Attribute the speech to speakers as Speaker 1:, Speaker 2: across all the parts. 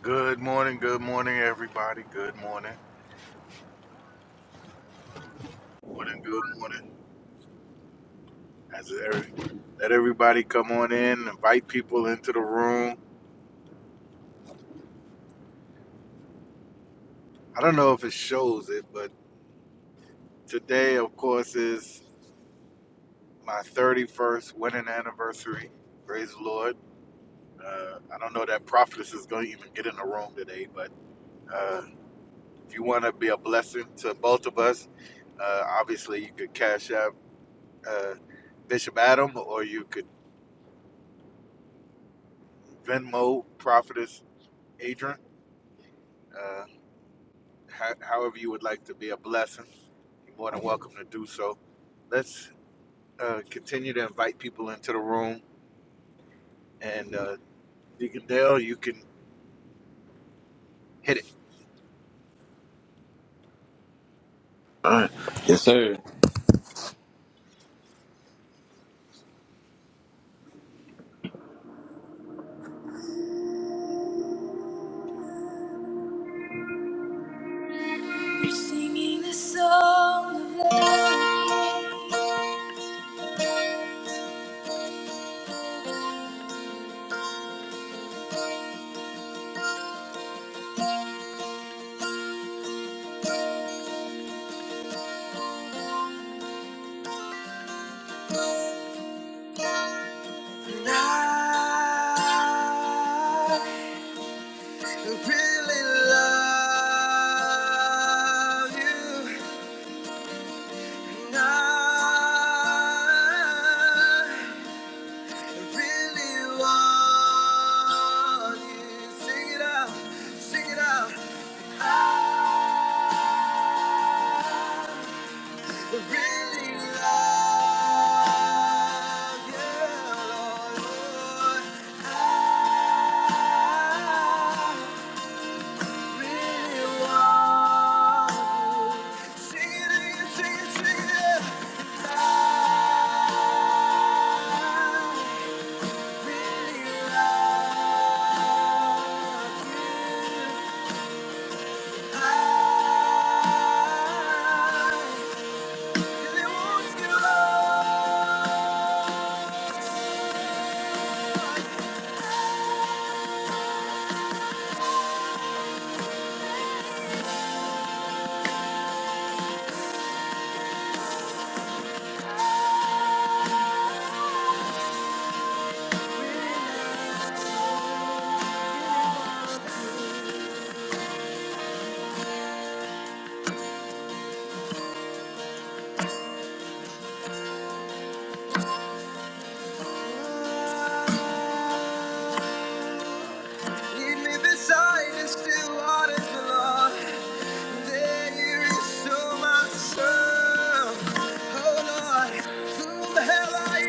Speaker 1: Good morning, good morning, everybody. Good morning, morning, good morning. As every, let everybody come on in, invite people into the room. I don't know if it shows it, but today, of course, is my 31st wedding anniversary. Praise the Lord. Uh, I don't know that prophetess is going to even get in the room today, but uh, if you want to be a blessing to both of us, uh, obviously you could cash out uh, Bishop Adam or you could Venmo Prophetess Adrian uh, ho- however you would like to be a blessing, you're more than welcome to do so. Let's uh, continue to invite people into the room. And uh, Deacon Dale, you can hit it.
Speaker 2: All right. Yes, sir. Singing this song of love. And I really love you. And I really want you. Sing it out. Sing it out. I really love you, Lord. I really want you. Sing it, sing it, sing it. I really love you. I really want you, Lord. You live inside and still waters below. There is so much love. Oh Lord, who the hell are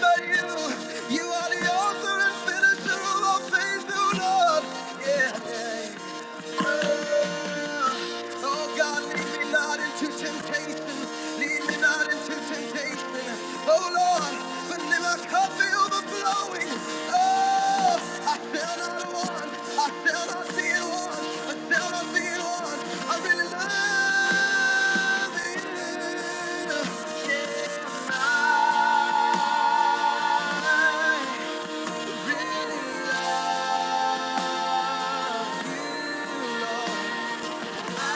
Speaker 2: but you? You are the author and finisher of all faith, oh Lord. Yeah. Oh God, lead me not into temptation. Lead me not into temptation. Oh Lord, but let my cup be overflowing. Oh, I shall not want. I shall not be in want. I shall not be in want. I really love you. Yes, I really love you, Lord. I really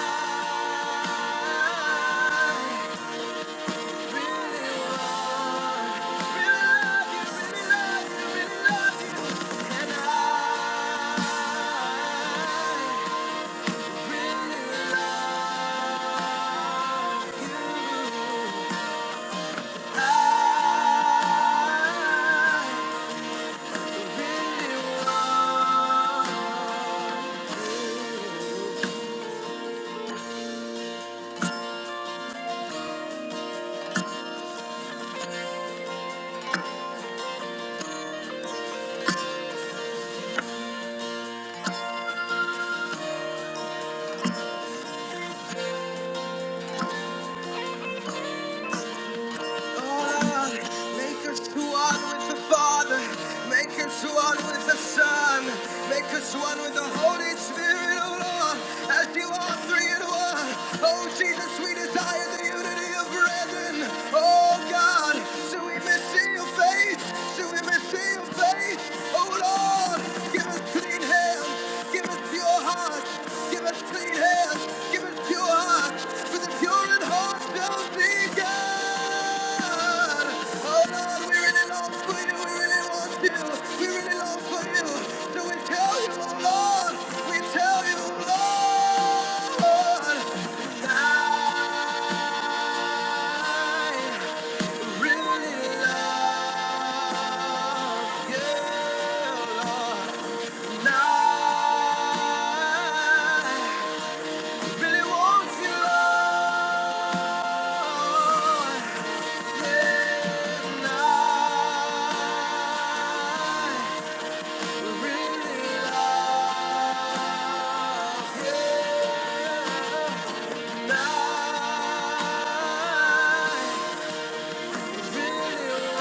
Speaker 2: want Ah, Make us one with the Father. Make us one with the Son. Make us one with the Holy Spirit, oh Lord, as you are three in one. Oh Jesus, we desire the unity of brethren. Oh God, so we may see your face. So we may see your face, oh Lord. Give us clean hands. Give us pure hearts. Give us clean hands. Give us pure hearts. For the pure in heart shall see God. Oh Lord, we really long for you. We really want you. We really long for you. So we tell you, oh Lord. We tell you, oh, Lord. I really love you, Lord. I really want you, Yeah, I really love. Yeah, I really want. Yeah, really you,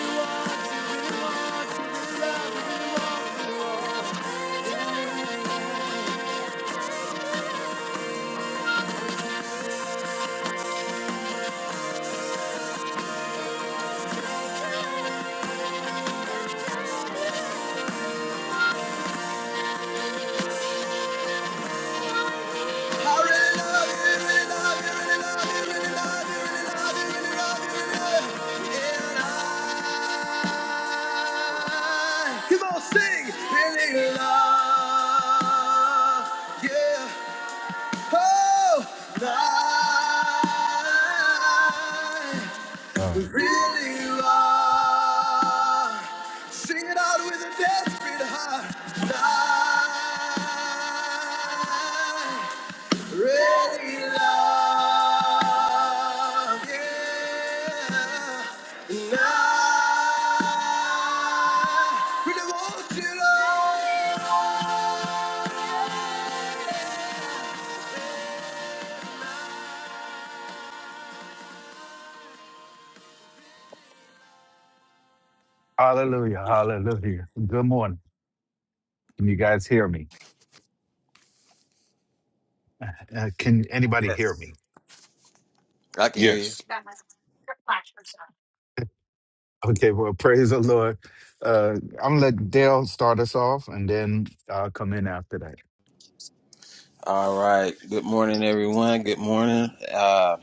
Speaker 2: really want you, really love really want you. I I, really really really really really really really. love love love love love love you, you, you, you, you, you, And I, Come on, sing! Really love, you. Oh, I
Speaker 1: Uh,
Speaker 2: really love. Sing it out with a desperate heart. I Really love, yeah. And I really want you, Lord.
Speaker 1: hallelujah. Hallelujah. Good morning. Can you guys hear me? Uh, can anybody hear me?
Speaker 2: I can hear you.
Speaker 3: Yes.
Speaker 1: Okay, well, praise the Lord. Uh, I'm going to let Dale start us off and then I'll come in after that.
Speaker 2: All right. Good morning, everyone. Good morning. Uh,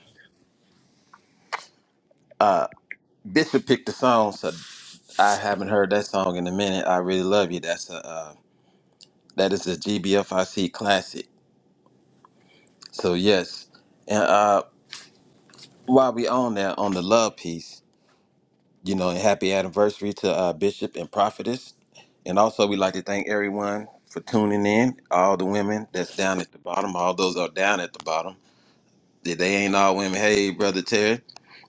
Speaker 2: Bishop picked the song, so I haven't heard that song in a minute. I really love you. That's a uh, that is a GBFIC classic. So yes, and uh, while we on there on the love piece. you know, and happy anniversary to uh, Bishop and Prophetess. And also, we'd like to thank everyone for tuning in. All the women that's down at the bottom, all those are down at the bottom. They they ain't all women. Hey, Brother Terry,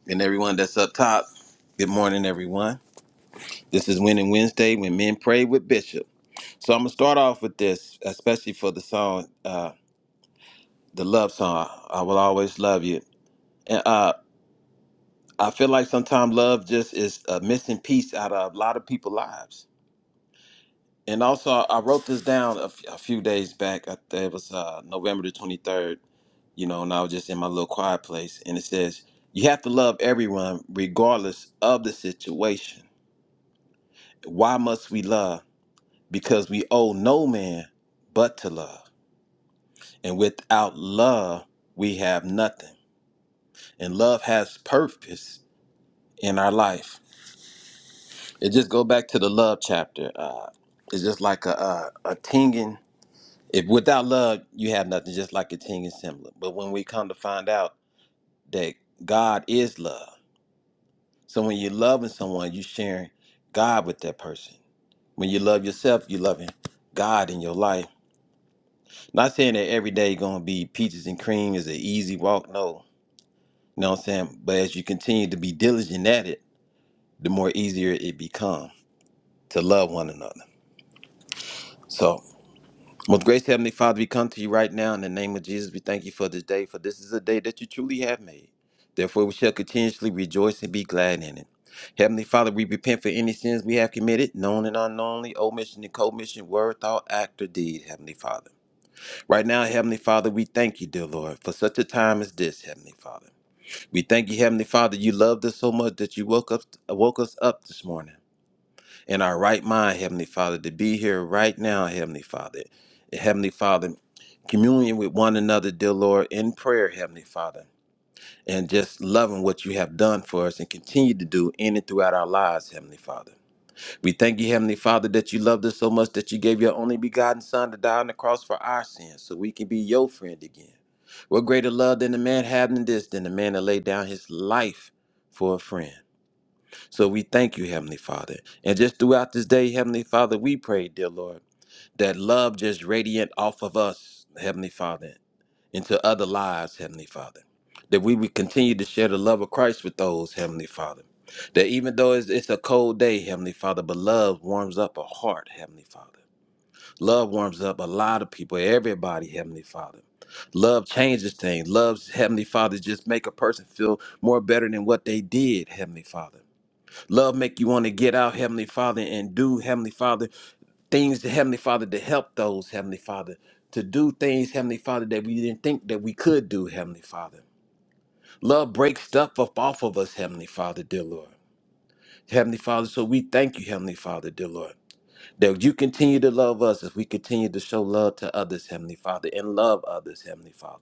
Speaker 2: and everyone that's up top. Good morning, everyone. This is Winning Wednesday when men pray with Bishop. So I'm gonna start off with this, especially for the song, uh, the love song. I will always love you. And uh, I feel like sometimes love just is a missing piece out of a lot of people's lives And also, I wrote this down a, f- a few days back. I, think it was uh, November the 23rd, you know, and I was just in my little quiet place. And it says, You have to love everyone regardless of the situation. Why must we love? Because we owe no man but to love. And without love, we have nothing. And love has purpose in our life. It just go back to the love chapter. Uh, it's just like a, a, a tinging If without love, you have nothing, just like a ting and similar. But when we come to find out that God is love, so when you're loving someone, you're sharing God with that person. When you love yourself, you're loving God in your life. Not saying that every day going to be peaches and cream is an easy walk. No, you know what I'm saying. But as you continue to be diligent at it, the more easier it become to love one another. So. Most gracious Heavenly Father, we come to you right now in the name of Jesus. We thank you for this day, for this is a day that you truly have made. Therefore, we shall continuously rejoice and be glad in it. Heavenly Father, we repent for any sins we have committed, known and unknownly, omission and commission, word, thought, act, or deed, Heavenly Father. Right now, Heavenly Father, we thank you, dear Lord, for such a time as this, Heavenly Father. We thank you, Heavenly Father, you loved us so much that you woke up woke us up this morning in our right mind, Heavenly Father, to be here right now, Heavenly Father. Heavenly Father, communion with one another, dear Lord, in prayer, Heavenly Father, and just loving what you have done for us and continue to do in and throughout our lives, Heavenly Father. We thank you, Heavenly Father, that you loved us so much that you gave your only begotten Son to die on the cross for our sins so we can be your friend again. What greater love than a man having this than a man to lay down his life for a friend? So we thank you, Heavenly Father. And just throughout this day, Heavenly Father, we pray, dear Lord, that love just radiant off of us, Heavenly Father, into other lives, Heavenly Father. That we would continue to share the love of Christ with those, Heavenly Father. That even though it's, it's a cold day, Heavenly Father, but love warms up a heart, Heavenly Father. Love warms up a lot of people, everybody, Heavenly Father. Love changes things. Love, Heavenly Father, just make a person feel more better than what they did, Heavenly Father. Love make you want to get out, Heavenly Father, and do, Heavenly Father, things to Heavenly Father to help those, Heavenly Father, to do things, Heavenly Father, that we didn't think that we could do, Heavenly Father. Love breaks stuff up off of us, Heavenly Father, dear Lord. Heavenly Father, so we thank you, Heavenly Father, dear Lord, that you continue to love us as we continue to show love to others, Heavenly Father, and love others, Heavenly Father.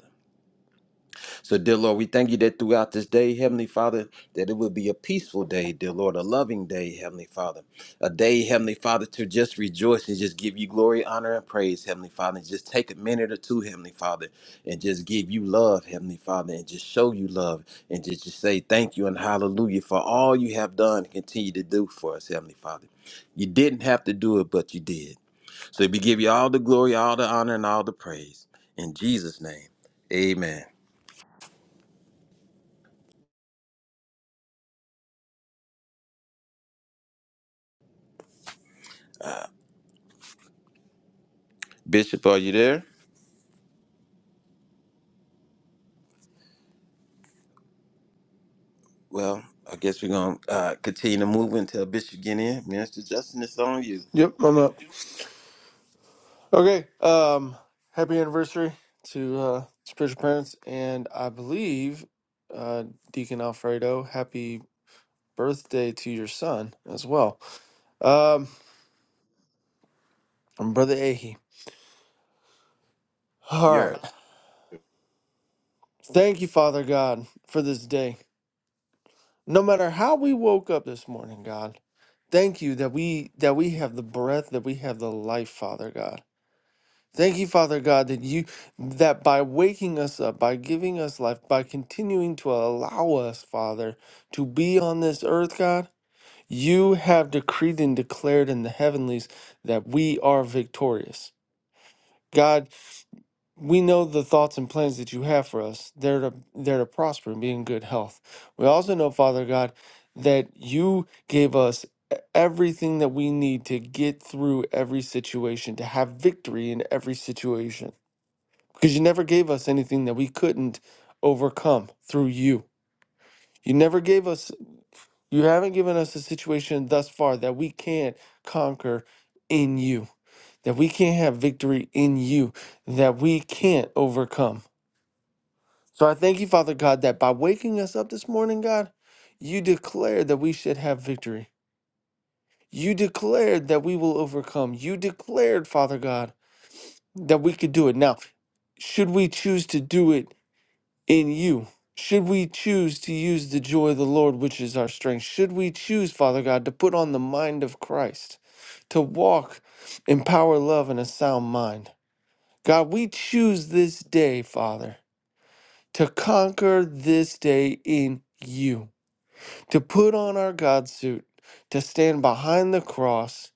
Speaker 2: So, dear Lord, we thank you that throughout this day, Heavenly Father, that it will be a peaceful day, dear Lord, a loving day, Heavenly Father. A day, Heavenly Father, to just rejoice and just give you glory, honor, and praise, Heavenly Father. And just take a minute or two, Heavenly Father, and just give you love, Heavenly Father, and just show you love and just, just say thank you and hallelujah for all you have done and continue to do for us, Heavenly Father. You didn't have to do it, but you did. So we give you all the glory, all the honor, and all the praise. In Jesus' name, amen. Bishop, are you there? Well, I guess we're gonna uh, continue to move until Bishop get in. Minister Justin, it's on you.
Speaker 4: Yep, I'm up. Okay. Um, happy anniversary to uh, spiritual parents, and I believe uh, Deacon Alfredo, happy birthday to your son as well. Um, and brother Ahe. All
Speaker 5: Yes.
Speaker 4: right. Thank you, Father God, for this day. No matter how we woke up this morning, God, thank you that we that we have the breath, that we have the life, Father God. Thank you, Father God, that you that by waking us up, by giving us life, by continuing to allow us, Father, to be on this earth, God, you have decreed and declared in the heavenlies that we are victorious. God, we know the thoughts and plans that you have for us. They're to they're to prosper and be in good health. We also know, Father God, that you gave us e- everything that we need to get through every situation, to have victory in every situation because you never gave us anything that we couldn't overcome through you. You never gave us, you haven't given us a situation thus far that we can't conquer in you, that we can't have victory in you, that we can't overcome. So I thank you, Father God, that by waking us up this morning, God, you declared that we should have victory. You declared that we will overcome. You declared, Father God, that we could do it. Now, should we choose to do it in you. Should we choose to use the joy of the Lord, which is our strength? Should we choose, Father God, to put on the mind of Christ, to walk in power, love, and a sound mind? God, we choose this day, Father, to conquer this day in you, to put on our God suit, to stand behind the cross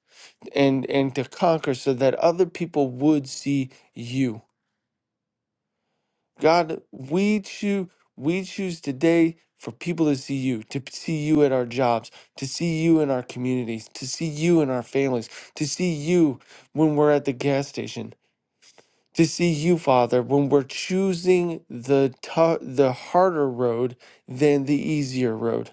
Speaker 4: and and to conquer so that other people would see you. God, we choose we choose today for people to see you, to p- see you at our jobs, to see you in our communities, to see you in our families, to see you when we're at the gas station, to see you, Father, when we're choosing the tou- the harder road than the easier road.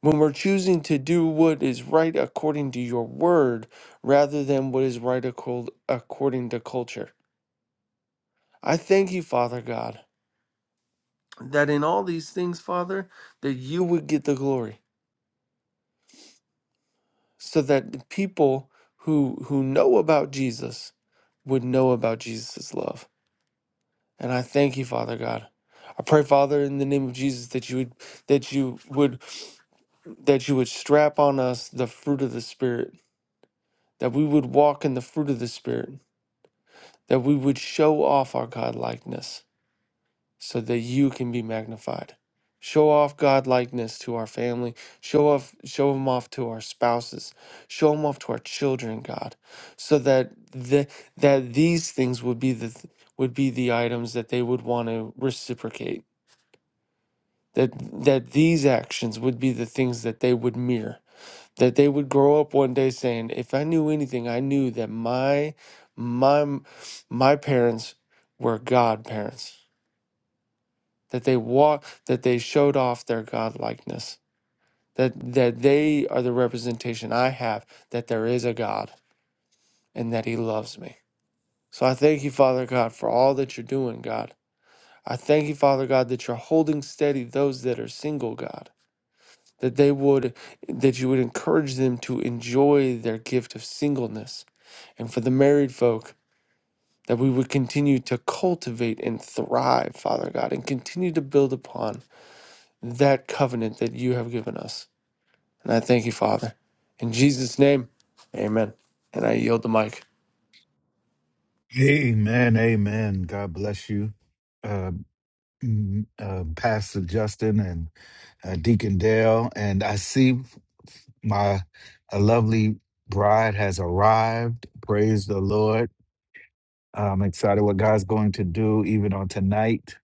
Speaker 4: When we're choosing to do what is right according to your word rather than what is right accord- according to culture. I thank you, Father God that in all these things, Father, that you would get the glory, so that the people who who know about Jesus would know about Jesus' love. And I thank you, Father God. I pray, Father, in the name of Jesus, that you would that you would that you would strap on us the fruit of the Spirit, that we would walk in the fruit of the Spirit, that we would show off our God likeness so that you can be magnified. Show off God likeness to our family. Show off show him off to our spouses. Show him off to our children, God, so that the, that these things would be the th- would be the items that they would want to reciprocate. That that these actions would be the things that they would mirror. That they would grow up one day saying, "If I knew anything, I knew that my my my parents were God parents." that they walk that they showed off their godlikeness that that they are the representation i have that there is a god and that he loves me so i thank you father god for all that you're doing god i thank you father god that you're holding steady those that are single god that they would that you would encourage them to enjoy their gift of singleness and for the married folk that we would continue to cultivate and thrive father god and continue to build upon that covenant that you have given us And I thank you, Father. In Jesus' name, amen. And I yield the mic.
Speaker 1: Amen. Amen. God bless you, uh, mm, uh, Pastor Justin, and. uh, Deacon Dale, and I see my a lovely bride has arrived. Praise the Lord. I'm excited what God's going to do even on tonight.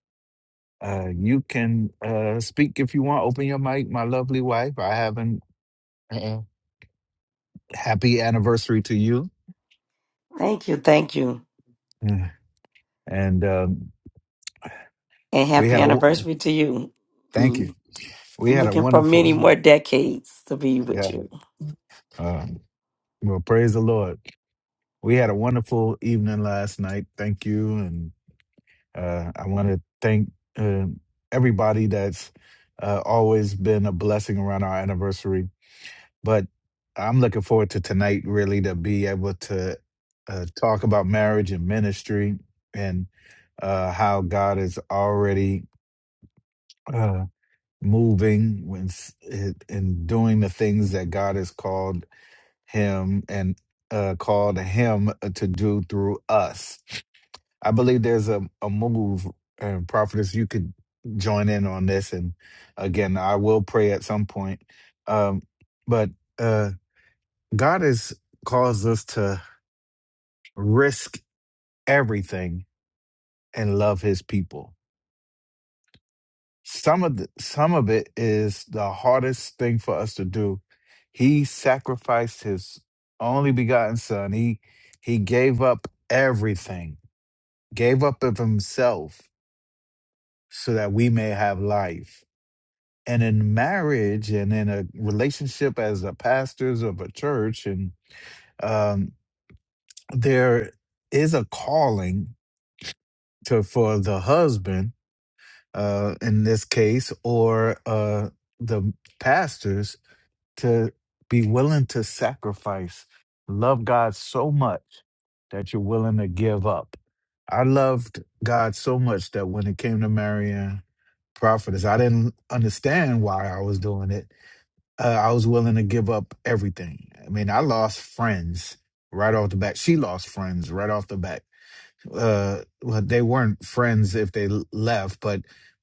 Speaker 1: Uh, you can uh, speak if you want. Open your mic, my lovely wife. I haven't. uh Happy anniversary to you.
Speaker 6: Thank you, thank you,
Speaker 1: Yeah. And um,
Speaker 6: and
Speaker 1: we
Speaker 6: happy
Speaker 1: had a wo-
Speaker 6: anniversary to you.
Speaker 1: thank you.
Speaker 6: Mm,
Speaker 1: We
Speaker 6: I'm
Speaker 1: had a
Speaker 6: looking for
Speaker 1: wonderful
Speaker 6: many more decades to be with
Speaker 1: yeah.
Speaker 6: you.
Speaker 1: Uh, well, praise the Lord. We had a wonderful evening last night. Thank you, Uh, I want to thank uh, everybody that's uh, always been a blessing around our anniversary. But I'm looking forward to tonight, really, to be able to uh, talk about marriage and ministry and uh, how God is already uh, moving when s- and and doing the things that God has called him and uh, called him uh, to do through us. I believe there's a, a move, and prophetess, you could join in on this. And again, I will pray at some point. Um, but uh, God has caused us to risk everything and love His people. Some of the, some of it is the hardest thing for us to do. He sacrificed His only begotten Son. He He gave up everything, gave up of Himself, so that we may have life and in marriage and in a relationship as a pastors of a church and um, there is a calling to for the husband uh, in this case or uh, the pastors to be willing to sacrifice love god so much that you're willing to give up i loved god so much that when it came to marrying prophetess i didn't understand why i was doing it uh, I was willing to give up everything. I mean, I lost friends right off the bat. She lost friends right off the bat. Uh, well, they weren't friends if they l- left, but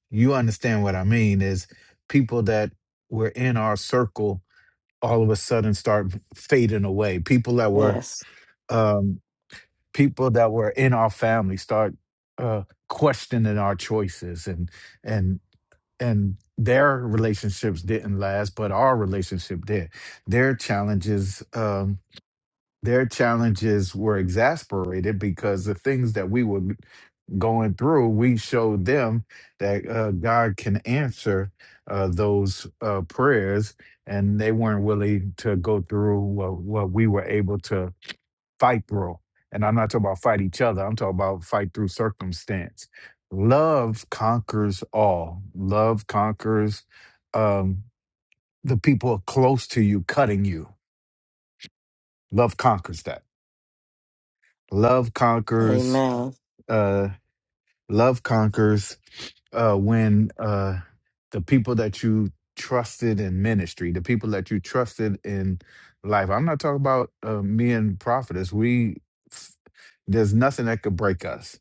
Speaker 1: you understand what I mean is people that were in our circle all of a sudden start fading away. People that were,
Speaker 6: Yes,
Speaker 1: um, people that were in our family start uh questioning our choices and and and their relationships didn't last, but our relationship did. Their challenges, um, their challenges were exasperated because the things that we were going through, we showed them that uh, God can answer uh, those uh, prayers, and they weren't willing to go through what, what we were able to fight, bro. And I'm not talking about fight each other. I'm talking about fight through circumstance. Love conquers all. Love conquers um, the people close to you cutting you. Love conquers that. Love conquers.
Speaker 6: Amen.
Speaker 1: Uh, love conquers uh, when uh, the people that you trusted in ministry, the people that you trusted in life. I'm not talking about uh, me and prophetess. We there's nothing that could break us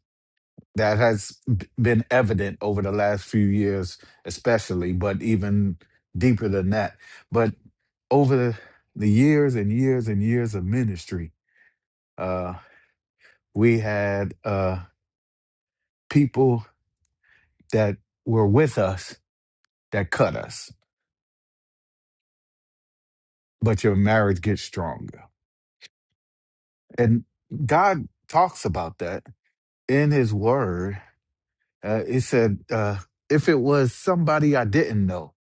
Speaker 1: that has b- been evident over the last few years, especially, but even deeper than that. But over the, the years and years and years of ministry, uh, we had uh, people that were with us that cut us, but your marriage gets stronger. And God talks about that in His Word. Uh, it said, uh, if it was somebody I didn't know,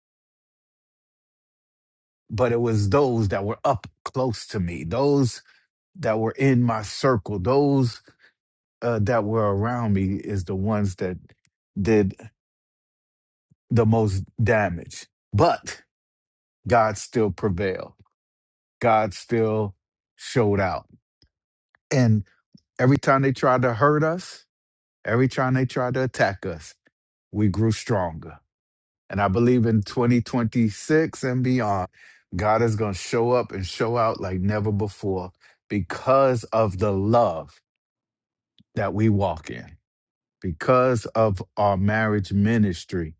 Speaker 1: but it was those that were up close to me, those that were in my circle, those uh, that were around me, is the ones that did the most damage. But God still prevailed. God still showed out. And every time they tried to hurt us, every time they tried to attack us, we grew stronger. And I believe in 2026 and beyond, God is going to show up and show out like never before because of the love that we walk in. because of our marriage ministry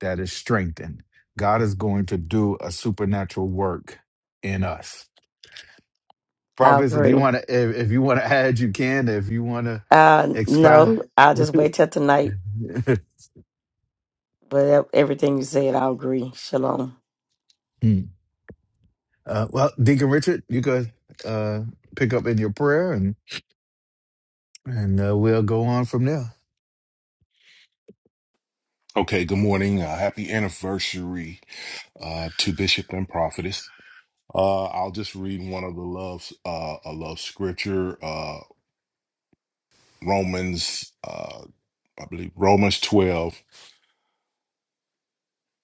Speaker 1: that is strengthened, God is going to do a supernatural work in us.
Speaker 6: I
Speaker 1: Providence, if you
Speaker 6: agree.
Speaker 1: want to, if, if you want to add, you can. If you want to
Speaker 6: Uh,
Speaker 1: expand,
Speaker 6: no, I'll just wait till tonight. But e- everything you said, I agree. Shalom.
Speaker 1: uh, well, Deacon Richard, you could uh, pick up in your prayer, and and uh, we'll go on from there.
Speaker 3: Okay. Good morning. Uh, happy anniversary uh, to Bishop and Prophetess. Uh, I'll just read one of the loves, uh, a love scripture, uh, Romans, uh, I believe Romans 12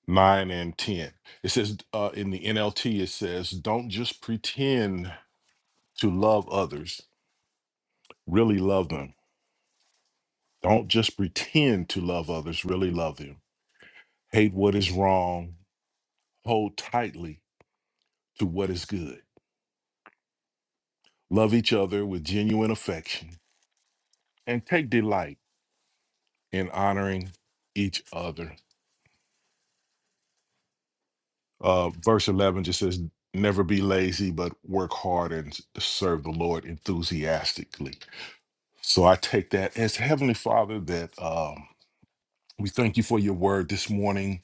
Speaker 3: 9 and 10. It says uh, in the NLT, it says, don't just pretend to love others, really love them. Don't just pretend to love others, really love them. Hate what is wrong, hold tightly to what is good Love each other with genuine affection and take delight in honoring each other. Uh, verse 11 just says, Never be lazy, but work hard and serve the Lord enthusiastically. So I take that as Heavenly Father that. um, We thank you for your word this morning.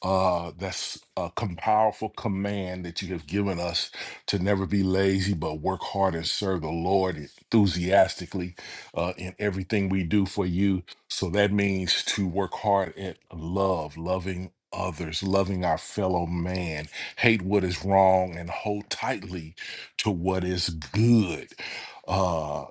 Speaker 3: Uh, that's a com- powerful command that you have given us to never be lazy, but work hard and serve the Lord enthusiastically uh, in everything we do for you. So that means to work hard at love, loving others, loving our fellow man, hate what is wrong, and hold tightly to what is good. Uh,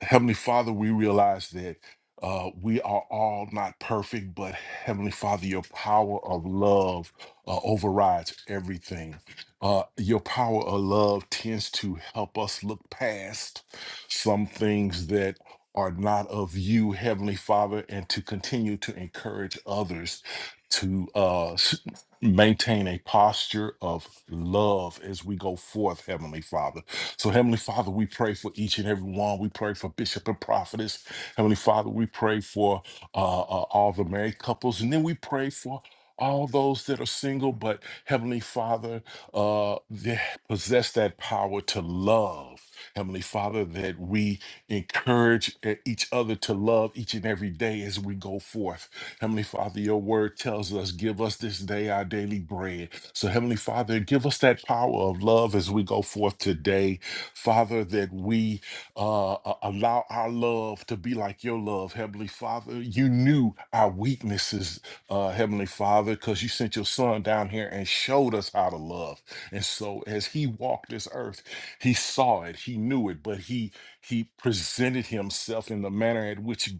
Speaker 3: Heavenly Father, we realize that uh, we are all not perfect, but Heavenly Father, your power of love uh, overrides everything. Uh, your power of love tends to help us look past some things that are not of you, Heavenly Father, and to continue to encourage others to uh, s- maintain a posture of love as we go forth, Heavenly Father. So, Heavenly Father, we pray for each and every one. We pray for Bishop and Prophetess. Heavenly Father, we pray for uh, uh, all the married couples. And then we pray for all those that are single, but Heavenly Father, uh, they possess that power to love. Heavenly Father, that we encourage uh, each other to love each and every day as we go forth. Heavenly Father, your word tells us, give us this day our daily bread. So, Heavenly Father, give us that power of love as we go forth today Father, that we uh, a- allow our love to be like your love, Heavenly Father. You knew our weaknesses, uh, Heavenly Father, because you sent your son down here and showed us how to love. And so as he walked this earth, he saw it, he knew it, but he he presented himself in the manner at which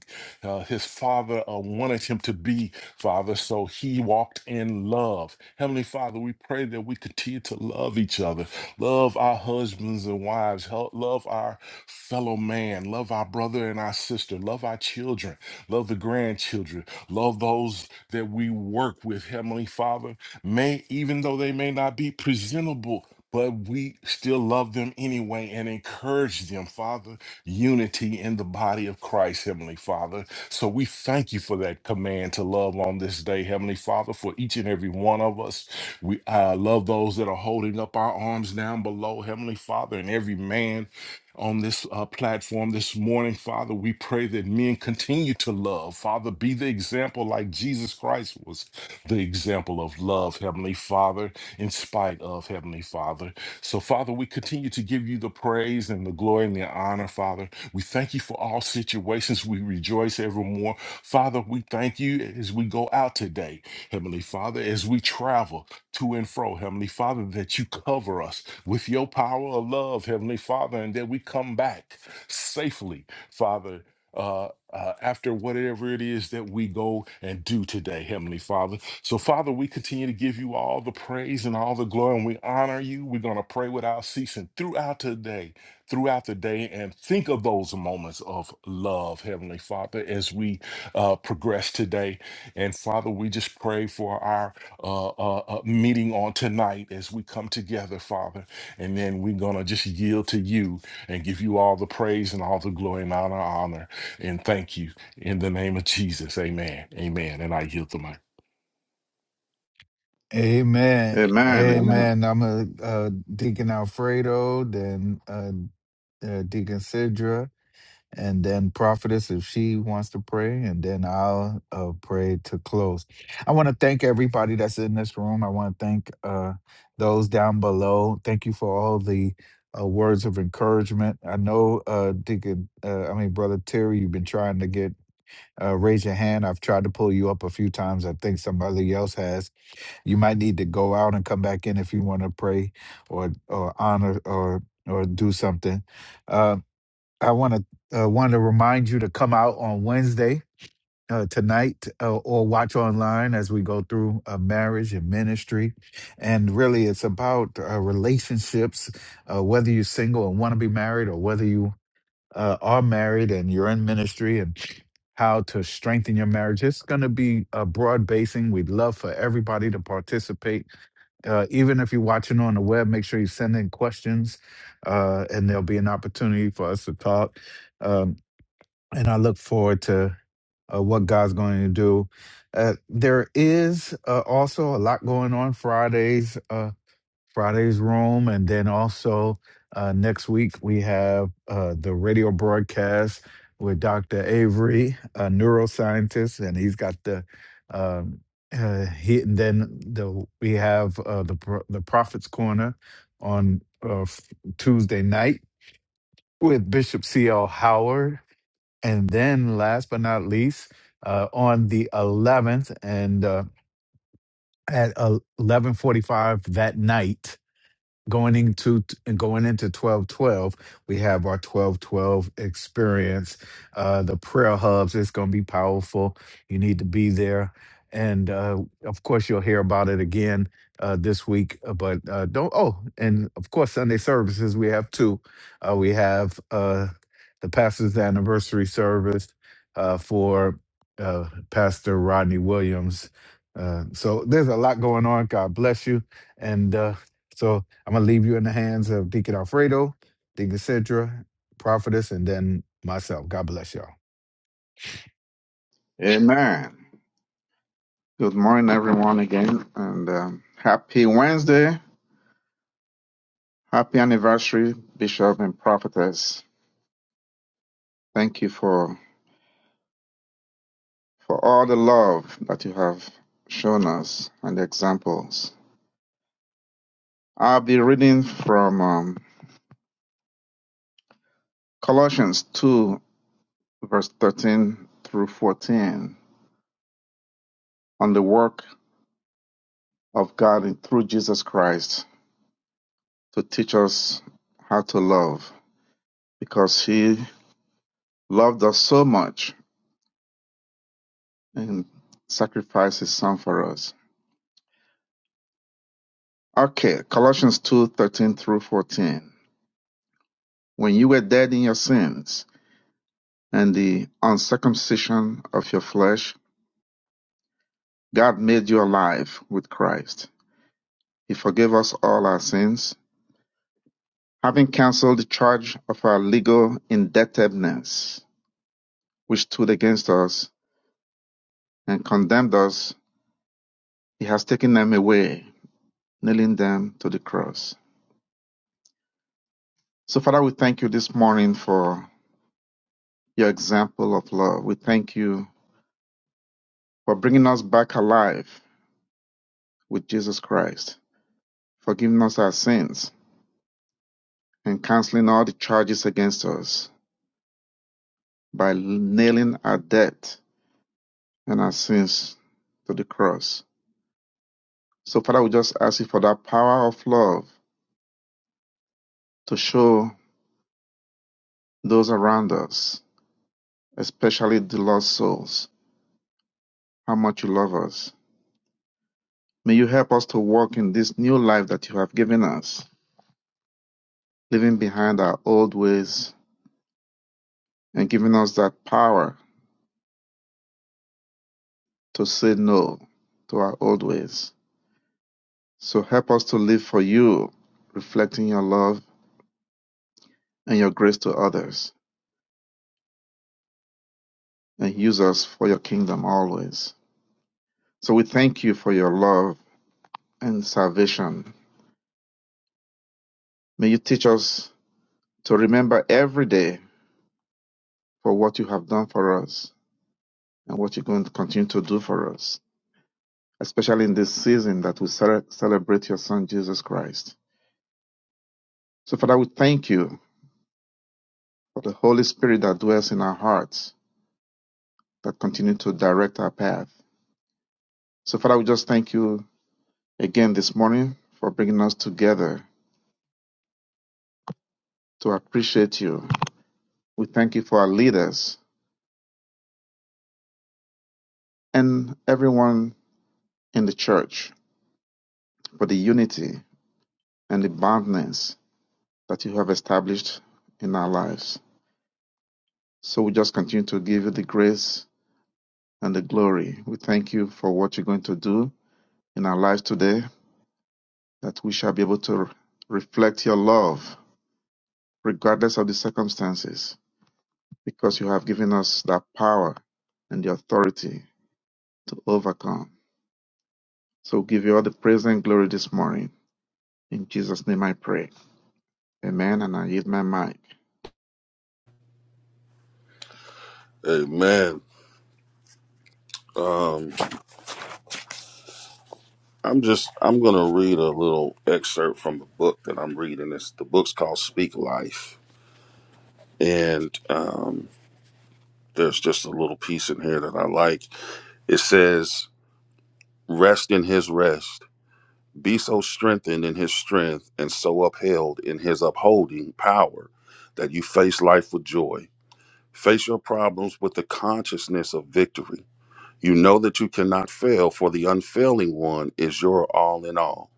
Speaker 3: uh, his father uh, wanted him to be, Father. So he walked in love. Heavenly Father, we pray that we continue to love each other. Love our husbands and wives. Help, love our fellow man. Love our brother and our sister. Love our children. Love the grandchildren. Love those that we work with, Heavenly Father. May, even though they may not be presentable, but we still love them anyway and encourage them, Father. Unity in the body of Christ, Heavenly Father. So we thank you for that command to love on this day, Heavenly Father, for each and every one of us. We uh, love those that are holding up our arms down below, Heavenly Father, and every man on this uh, platform this morning, Father. We pray that men continue to love. Father, be the example like Jesus Christ was the example of love, Heavenly Father, in spite of Heavenly Father. So, Father, we continue to give you the praise and the glory and the honor, Father. We thank you for all situations. We rejoice evermore. Father, we thank you as we go out today, Heavenly Father, as we travel to and fro, Heavenly Father, that you cover us with your power of love, Heavenly Father, and that we come back safely, Father. Uh, uh, after whatever it is that we go and do today, Heavenly Father. So, Father, we continue to give you all the praise and all the glory, and we honor you. We're going to pray without ceasing throughout today, throughout the day, and think of those moments of love, Heavenly Father, as we uh, progress today. And, Father, we just pray for our uh, uh, uh, meeting on tonight as we come together, Father. And then we're going to just yield to you and give you all the praise and all the glory and honor, honor. And thank you in the name of Jesus. Amen. Amen. And I yield to my.
Speaker 1: Amen.
Speaker 5: Amen. Amen.
Speaker 1: Amen. I'm a uh, Deacon Alfredo, then uh, uh, Deacon Sidra, and then prophetess if she wants to pray and then i'll uh, pray to close i want to thank everybody that's in this room i want to thank uh, those down below thank you for all the uh, words of encouragement i know uh, deacon uh, i mean brother terry you've been trying to get uh, raise your hand i've tried to pull you up a few times i think somebody else has you might need to go out and come back in if you want to pray or or honor or or do something Uh, I want to uh, want to remind you to come out on Wednesday uh, tonight uh, or watch online as we go through uh, marriage and ministry. And really, it's about uh, relationships, uh, whether you're single and want to be married, or whether you uh, are married and you're in ministry and how to strengthen your marriage. It's going to be a broad basing. We'd love for everybody to participate. Uh, even if you're watching on the web, make sure you send in questions uh, and there'll be an opportunity for us to talk. Um, and I look forward to uh, what God's going to do. Uh, there is uh, also a lot going on Fridays. Uh, Friday's room, and then also uh, next week we have uh, the radio broadcast with Dr. Avery, a neuroscientist, and he's got the um, uh, he. And then the we have uh, the Pro- the Prophets Corner on uh, f- Tuesday night with Bishop C. L. Howard, and then last but not least uh, on the 11th and uh, at 11:45 that night going into going into twelve twelve, we have our twelve twelve experience. Uh, the prayer hubs it's going to be powerful. You need to be there, and uh, of course you'll hear about it again uh, this week. uh, But uh, don't oh, and of course Sunday services we have two. Uh, we have uh, the pastor's anniversary service uh, for uh, Pastor Rodney Williams. Uh, so there's a lot going on. God bless you and. Uh, so I'm gonna leave you in the hands of Deacon Alfredo, Deacon Sidra, Prophetess, and then myself. God bless y'all.
Speaker 5: Amen. Good morning, everyone, again, and um, happy Wednesday. Happy anniversary, Bishop and Prophetess. Thank you for for all the love that you have shown us and the examples. I'll be reading from um, Colossians 2, verse 13 through 14, on the work of God in- through Jesus Christ to teach us how to love, because He loved us so much and sacrificed his son for us. Okay, Colossians two thirteen through 14. When you were dead in your sins and the uncircumcision of your flesh, God made you alive with Christ. He forgave us all our sins, having canceled the charge of our legal indebtedness, which stood against us and condemned us. He has taken them away, nailing them to the cross. So, Father, we thank you this morning for your example of love. We thank you for bringing us back alive with Jesus Christ, forgiving us our sins, and canceling all the charges against us by nailing our debt and our sins to the cross. So, Father, we just ask you for that power of love to show those around us, especially the lost souls, how much you love us. May you help us to walk in this new life that you have given us, leaving behind our old ways and given us that power to say no to our old ways. So help us to live for you, reflecting your love and your grace to others, and use us for your kingdom always. So we thank you for your love and salvation. May you teach us to remember every day for what you have done for us and what you're going to continue to do for us, especially in this season that we cele- celebrate your Son, Jesus Christ. So, Father, we thank you for the Holy Spirit that dwells in our hearts that continue to direct our path. So, Father, we just thank you again this morning for bringing us together to appreciate you. We thank you for our leaders and everyone in the church for the unity and the boundness that you have established in our lives. So, we just continue to give you the grace and the glory. We thank you for what you're going to do in our lives today, that we shall be able to reflect your love regardless of the circumstances because you have given us that power and the authority to overcome. So give you all the praise and glory this morning. In Jesus' name I pray. Amen. And I yield my mic.
Speaker 7: Amen. I'm just I'm gonna read a little excerpt from the book that I'm reading. It's the book's called Speak Life, and um, there's just a little piece in here that I like. It says, "Rest in His rest, be so strengthened in His strength, and so upheld in His upholding power, that you face life with joy. Face your problems with the consciousness of victory. You know that you cannot fail, for the unfailing One is your all in all."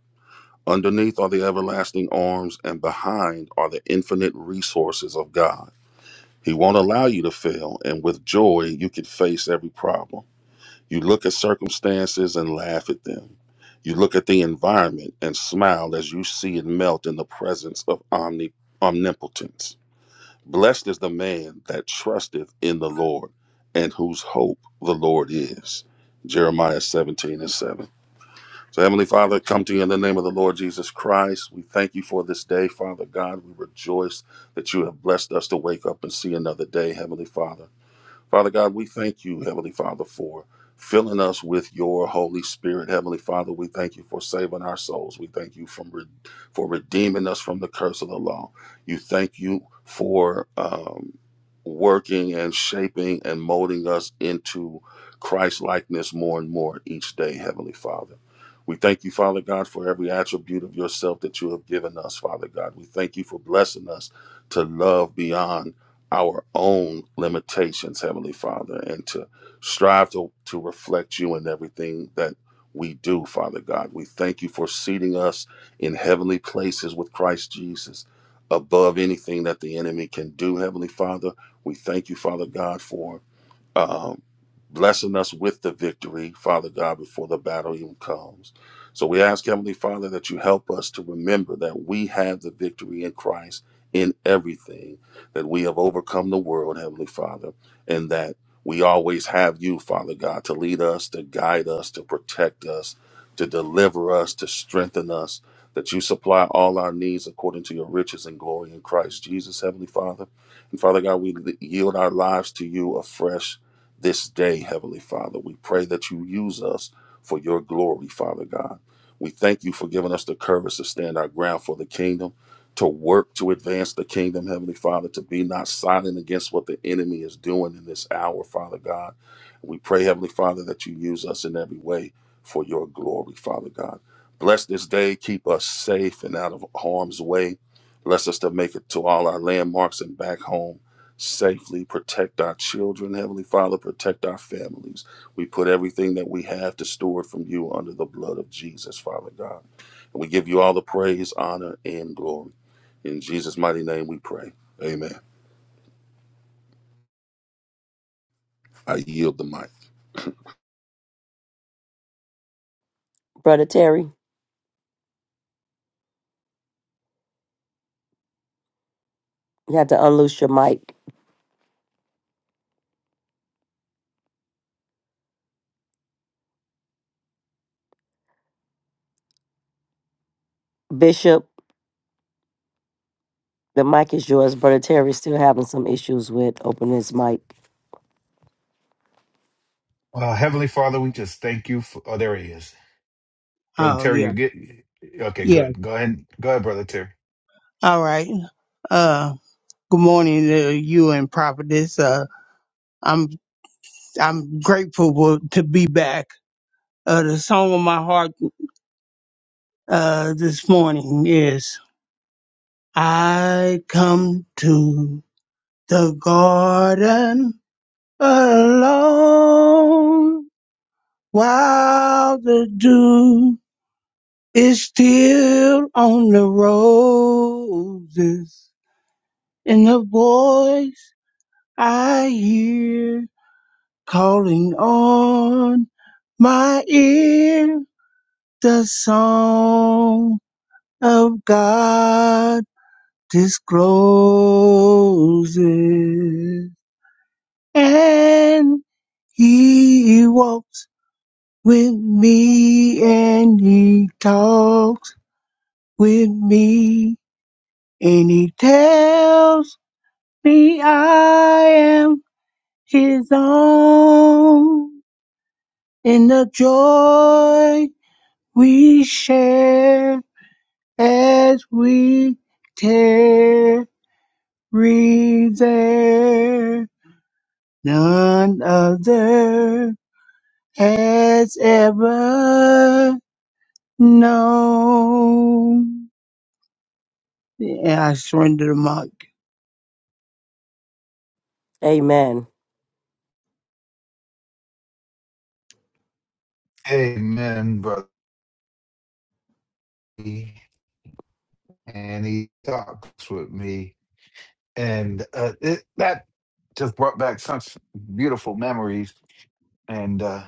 Speaker 7: Underneath are the everlasting arms, and behind are the infinite resources of God. He won't allow you to fail, and with joy, you can face every problem. You look at circumstances and laugh at them. You look at the environment and smile as you see it melt in the presence of omni- omnipotence. Blessed is the man that trusteth in the Lord and whose hope the Lord is. Jeremiah 17 and 7. So, Heavenly Father, I come to you in the name of the Lord Jesus Christ. We thank you for this day, Father God. We rejoice that you have blessed us to wake up and see another day, Heavenly Father. Father God, we thank you, Heavenly Father, for filling us with your Holy Spirit. Heavenly Father, we thank you for saving our souls. We thank you from re- for redeeming us from the curse of the law. You thank you for um, working and shaping and molding us into Christ likeness more and more each day, Heavenly Father. We thank you, Father God, for every attribute of yourself that you have given us, Father God. We thank you for blessing us to love beyond our own limitations, Heavenly Father, and to strive to, to reflect you in everything that we do, Father God. We thank you for seating us in heavenly places with Christ Jesus above anything that the enemy can do, Heavenly Father. We thank you, Father God, for um, blessing us with the victory, Father God, before the battle even comes. So we ask, Heavenly Father, that you help us to remember that we have the victory in Christ in everything, that we have overcome the world, Heavenly Father, and that we always have you, Father God, to lead us, to guide us, to protect us, to deliver us, to strengthen us, that you supply all our needs according to your riches and glory in Christ Jesus, Heavenly Father. And Father God, we yield our lives to you afresh this day, Heavenly Father. We pray that you use us for your glory, Father God. We thank you for giving us the courage to stand our ground for the kingdom, to work to advance the kingdom, Heavenly Father, to be not silent against what the enemy is doing in this hour, Father God. We pray, Heavenly Father, that you use us in every way for your glory, Father God. Bless this day, keep us safe and out of harm's way. Bless us to make it to all our landmarks and back home safely, protect our children, Heavenly Father, protect our families. We put everything that we have to store it from you under the blood of Jesus, Father God. And we give you all the praise, honor, and glory. In Jesus' mighty name we pray. Amen. I yield the mic.
Speaker 6: Brother Terry, you had to unloose your mic. Bishop, the mic is yours. Brother Terry's still having some issues with opening his mic.
Speaker 1: Uh, Heavenly Father, we just thank you for. Oh, there he is, Brother
Speaker 8: Oh
Speaker 1: Terry. You
Speaker 8: yeah,
Speaker 1: get okay.
Speaker 8: yeah.
Speaker 1: Good. Go ahead. Go ahead, Brother Terry.
Speaker 8: All right. Uh, good morning to you and Prophetess. Uh, I'm I'm grateful wo- to be back. Uh, the song of my heart uh this morning is I come to the garden alone while the dew is still on the roses and the voice I hear calling on my ear the song of God discloses, and He walks with me, and He talks with me, and He tells me I am His own in the joy We share as we tarry there. None other has ever known. And I surrender the mic.
Speaker 6: Amen.
Speaker 1: Amen, brother. And he talks with me, and uh, it, that just brought back such beautiful memories. And uh,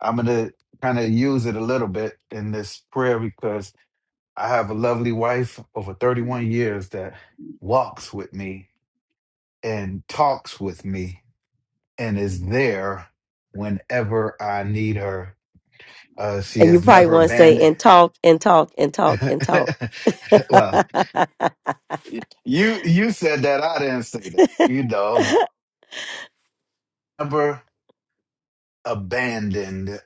Speaker 1: I'm gonna kind of use it a little bit in this prayer because I have a lovely wife over 31 years that walks with me and talks with me and is there whenever I need her. Uh, she
Speaker 6: And you
Speaker 1: has
Speaker 6: probably
Speaker 1: never
Speaker 6: want to say,
Speaker 1: abandoned.
Speaker 6: and talk, and talk, and talk, and talk.
Speaker 1: well, you you said that I didn't say that. You know, never abandoned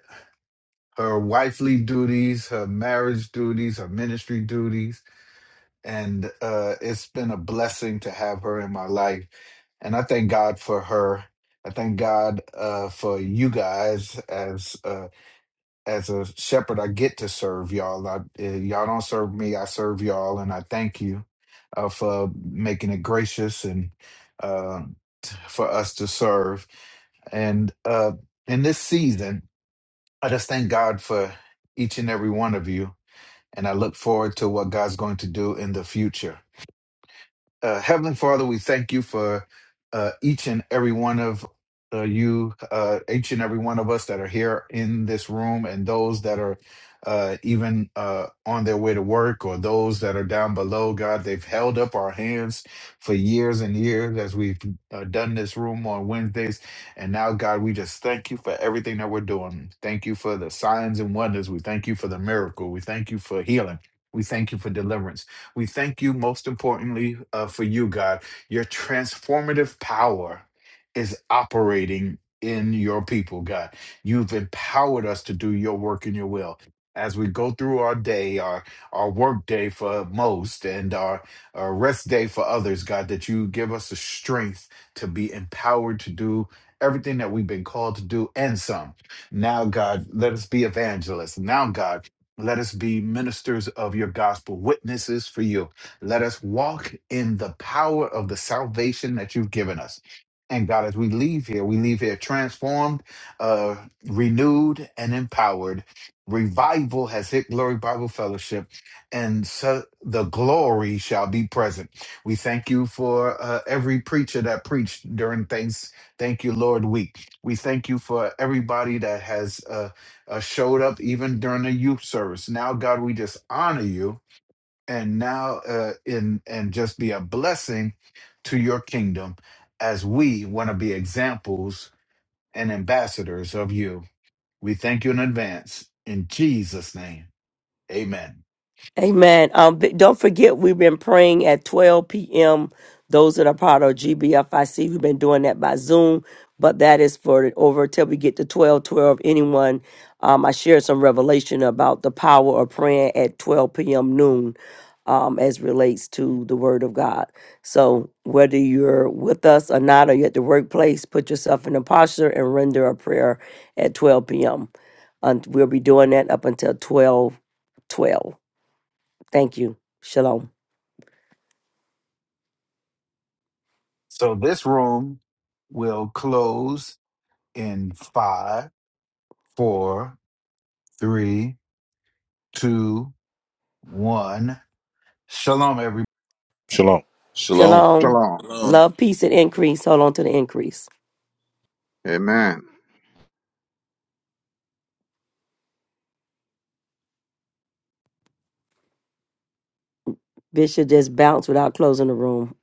Speaker 1: her wifely duties, her marriage duties, her ministry duties and uh, it's been a blessing to have her in my life. And I thank God for her. I thank God uh, for you guys as uh, as a shepherd. I get to serve y'all. I, uh, y'all don't serve me. I serve y'all, and I thank you uh, for making it gracious and uh, t- for us to serve. And uh, in this season, I just thank God for each and every one of you, and I look forward to what God's going to do in the future. Uh, Heavenly Father, we thank you for uh, each and every one of uh, you, uh, each and every one of us that are here in this room, and those that are uh, even uh, on their way to work, or those that are down below. God, they've held up our hands for years and years as we've uh, done this room on Wednesdays. And now, God, we just thank you for everything that we're doing. Thank you for the signs and wonders. We thank you for the miracle. We thank you for healing. We thank you for deliverance. We thank you most importantly uh, for you, God. Your transformative power is operating in your people, God. You've empowered us to do your work and your will. As we go through our day, our our work day for most, and our, our rest day for others, God, that you give us the strength to be empowered to do everything that we've been called to do and some. Now, God, let us be evangelists. Now, God, let us be ministers of your gospel, witnesses for you. Let us walk in the power of the salvation that you've given us. And God, as we leave here, we leave here transformed, uh, renewed, and empowered. Revival has hit Glory Bible Fellowship, and so the glory shall be present. We thank you for uh, every preacher that preached during Thanks, Thank You Lord Week. We thank you for everybody that has. uh, uh, showed up even during the youth service. Now, God, we just honor you and now uh, in and just be a blessing to your kingdom as we want to be examples and ambassadors of you. We thank you in advance in Jesus' name. Amen.
Speaker 6: Amen. Um, b- don't forget, we've been praying at 12 p.m. Those that are part of GBFIC, we've been doing that by Zoom, but that is for over till we get to 12 12. Anyone, um, I shared some revelation about the power of praying at 12 p.m. noon um, as relates to the Word of God. So whether you're with us or not, or you're at the workplace, put yourself in a posture and render a prayer at 12 p.m. And we'll be doing that up until 12 12. Thank you. Shalom.
Speaker 1: So this room will close in five, four, three, two, one. Shalom, everyone.
Speaker 3: Shalom.
Speaker 7: Shalom.
Speaker 6: Shalom.
Speaker 5: Shalom.
Speaker 6: Love, peace, and increase. Hold on to the increase.
Speaker 5: Amen.
Speaker 6: Bishop just bounced without closing the room.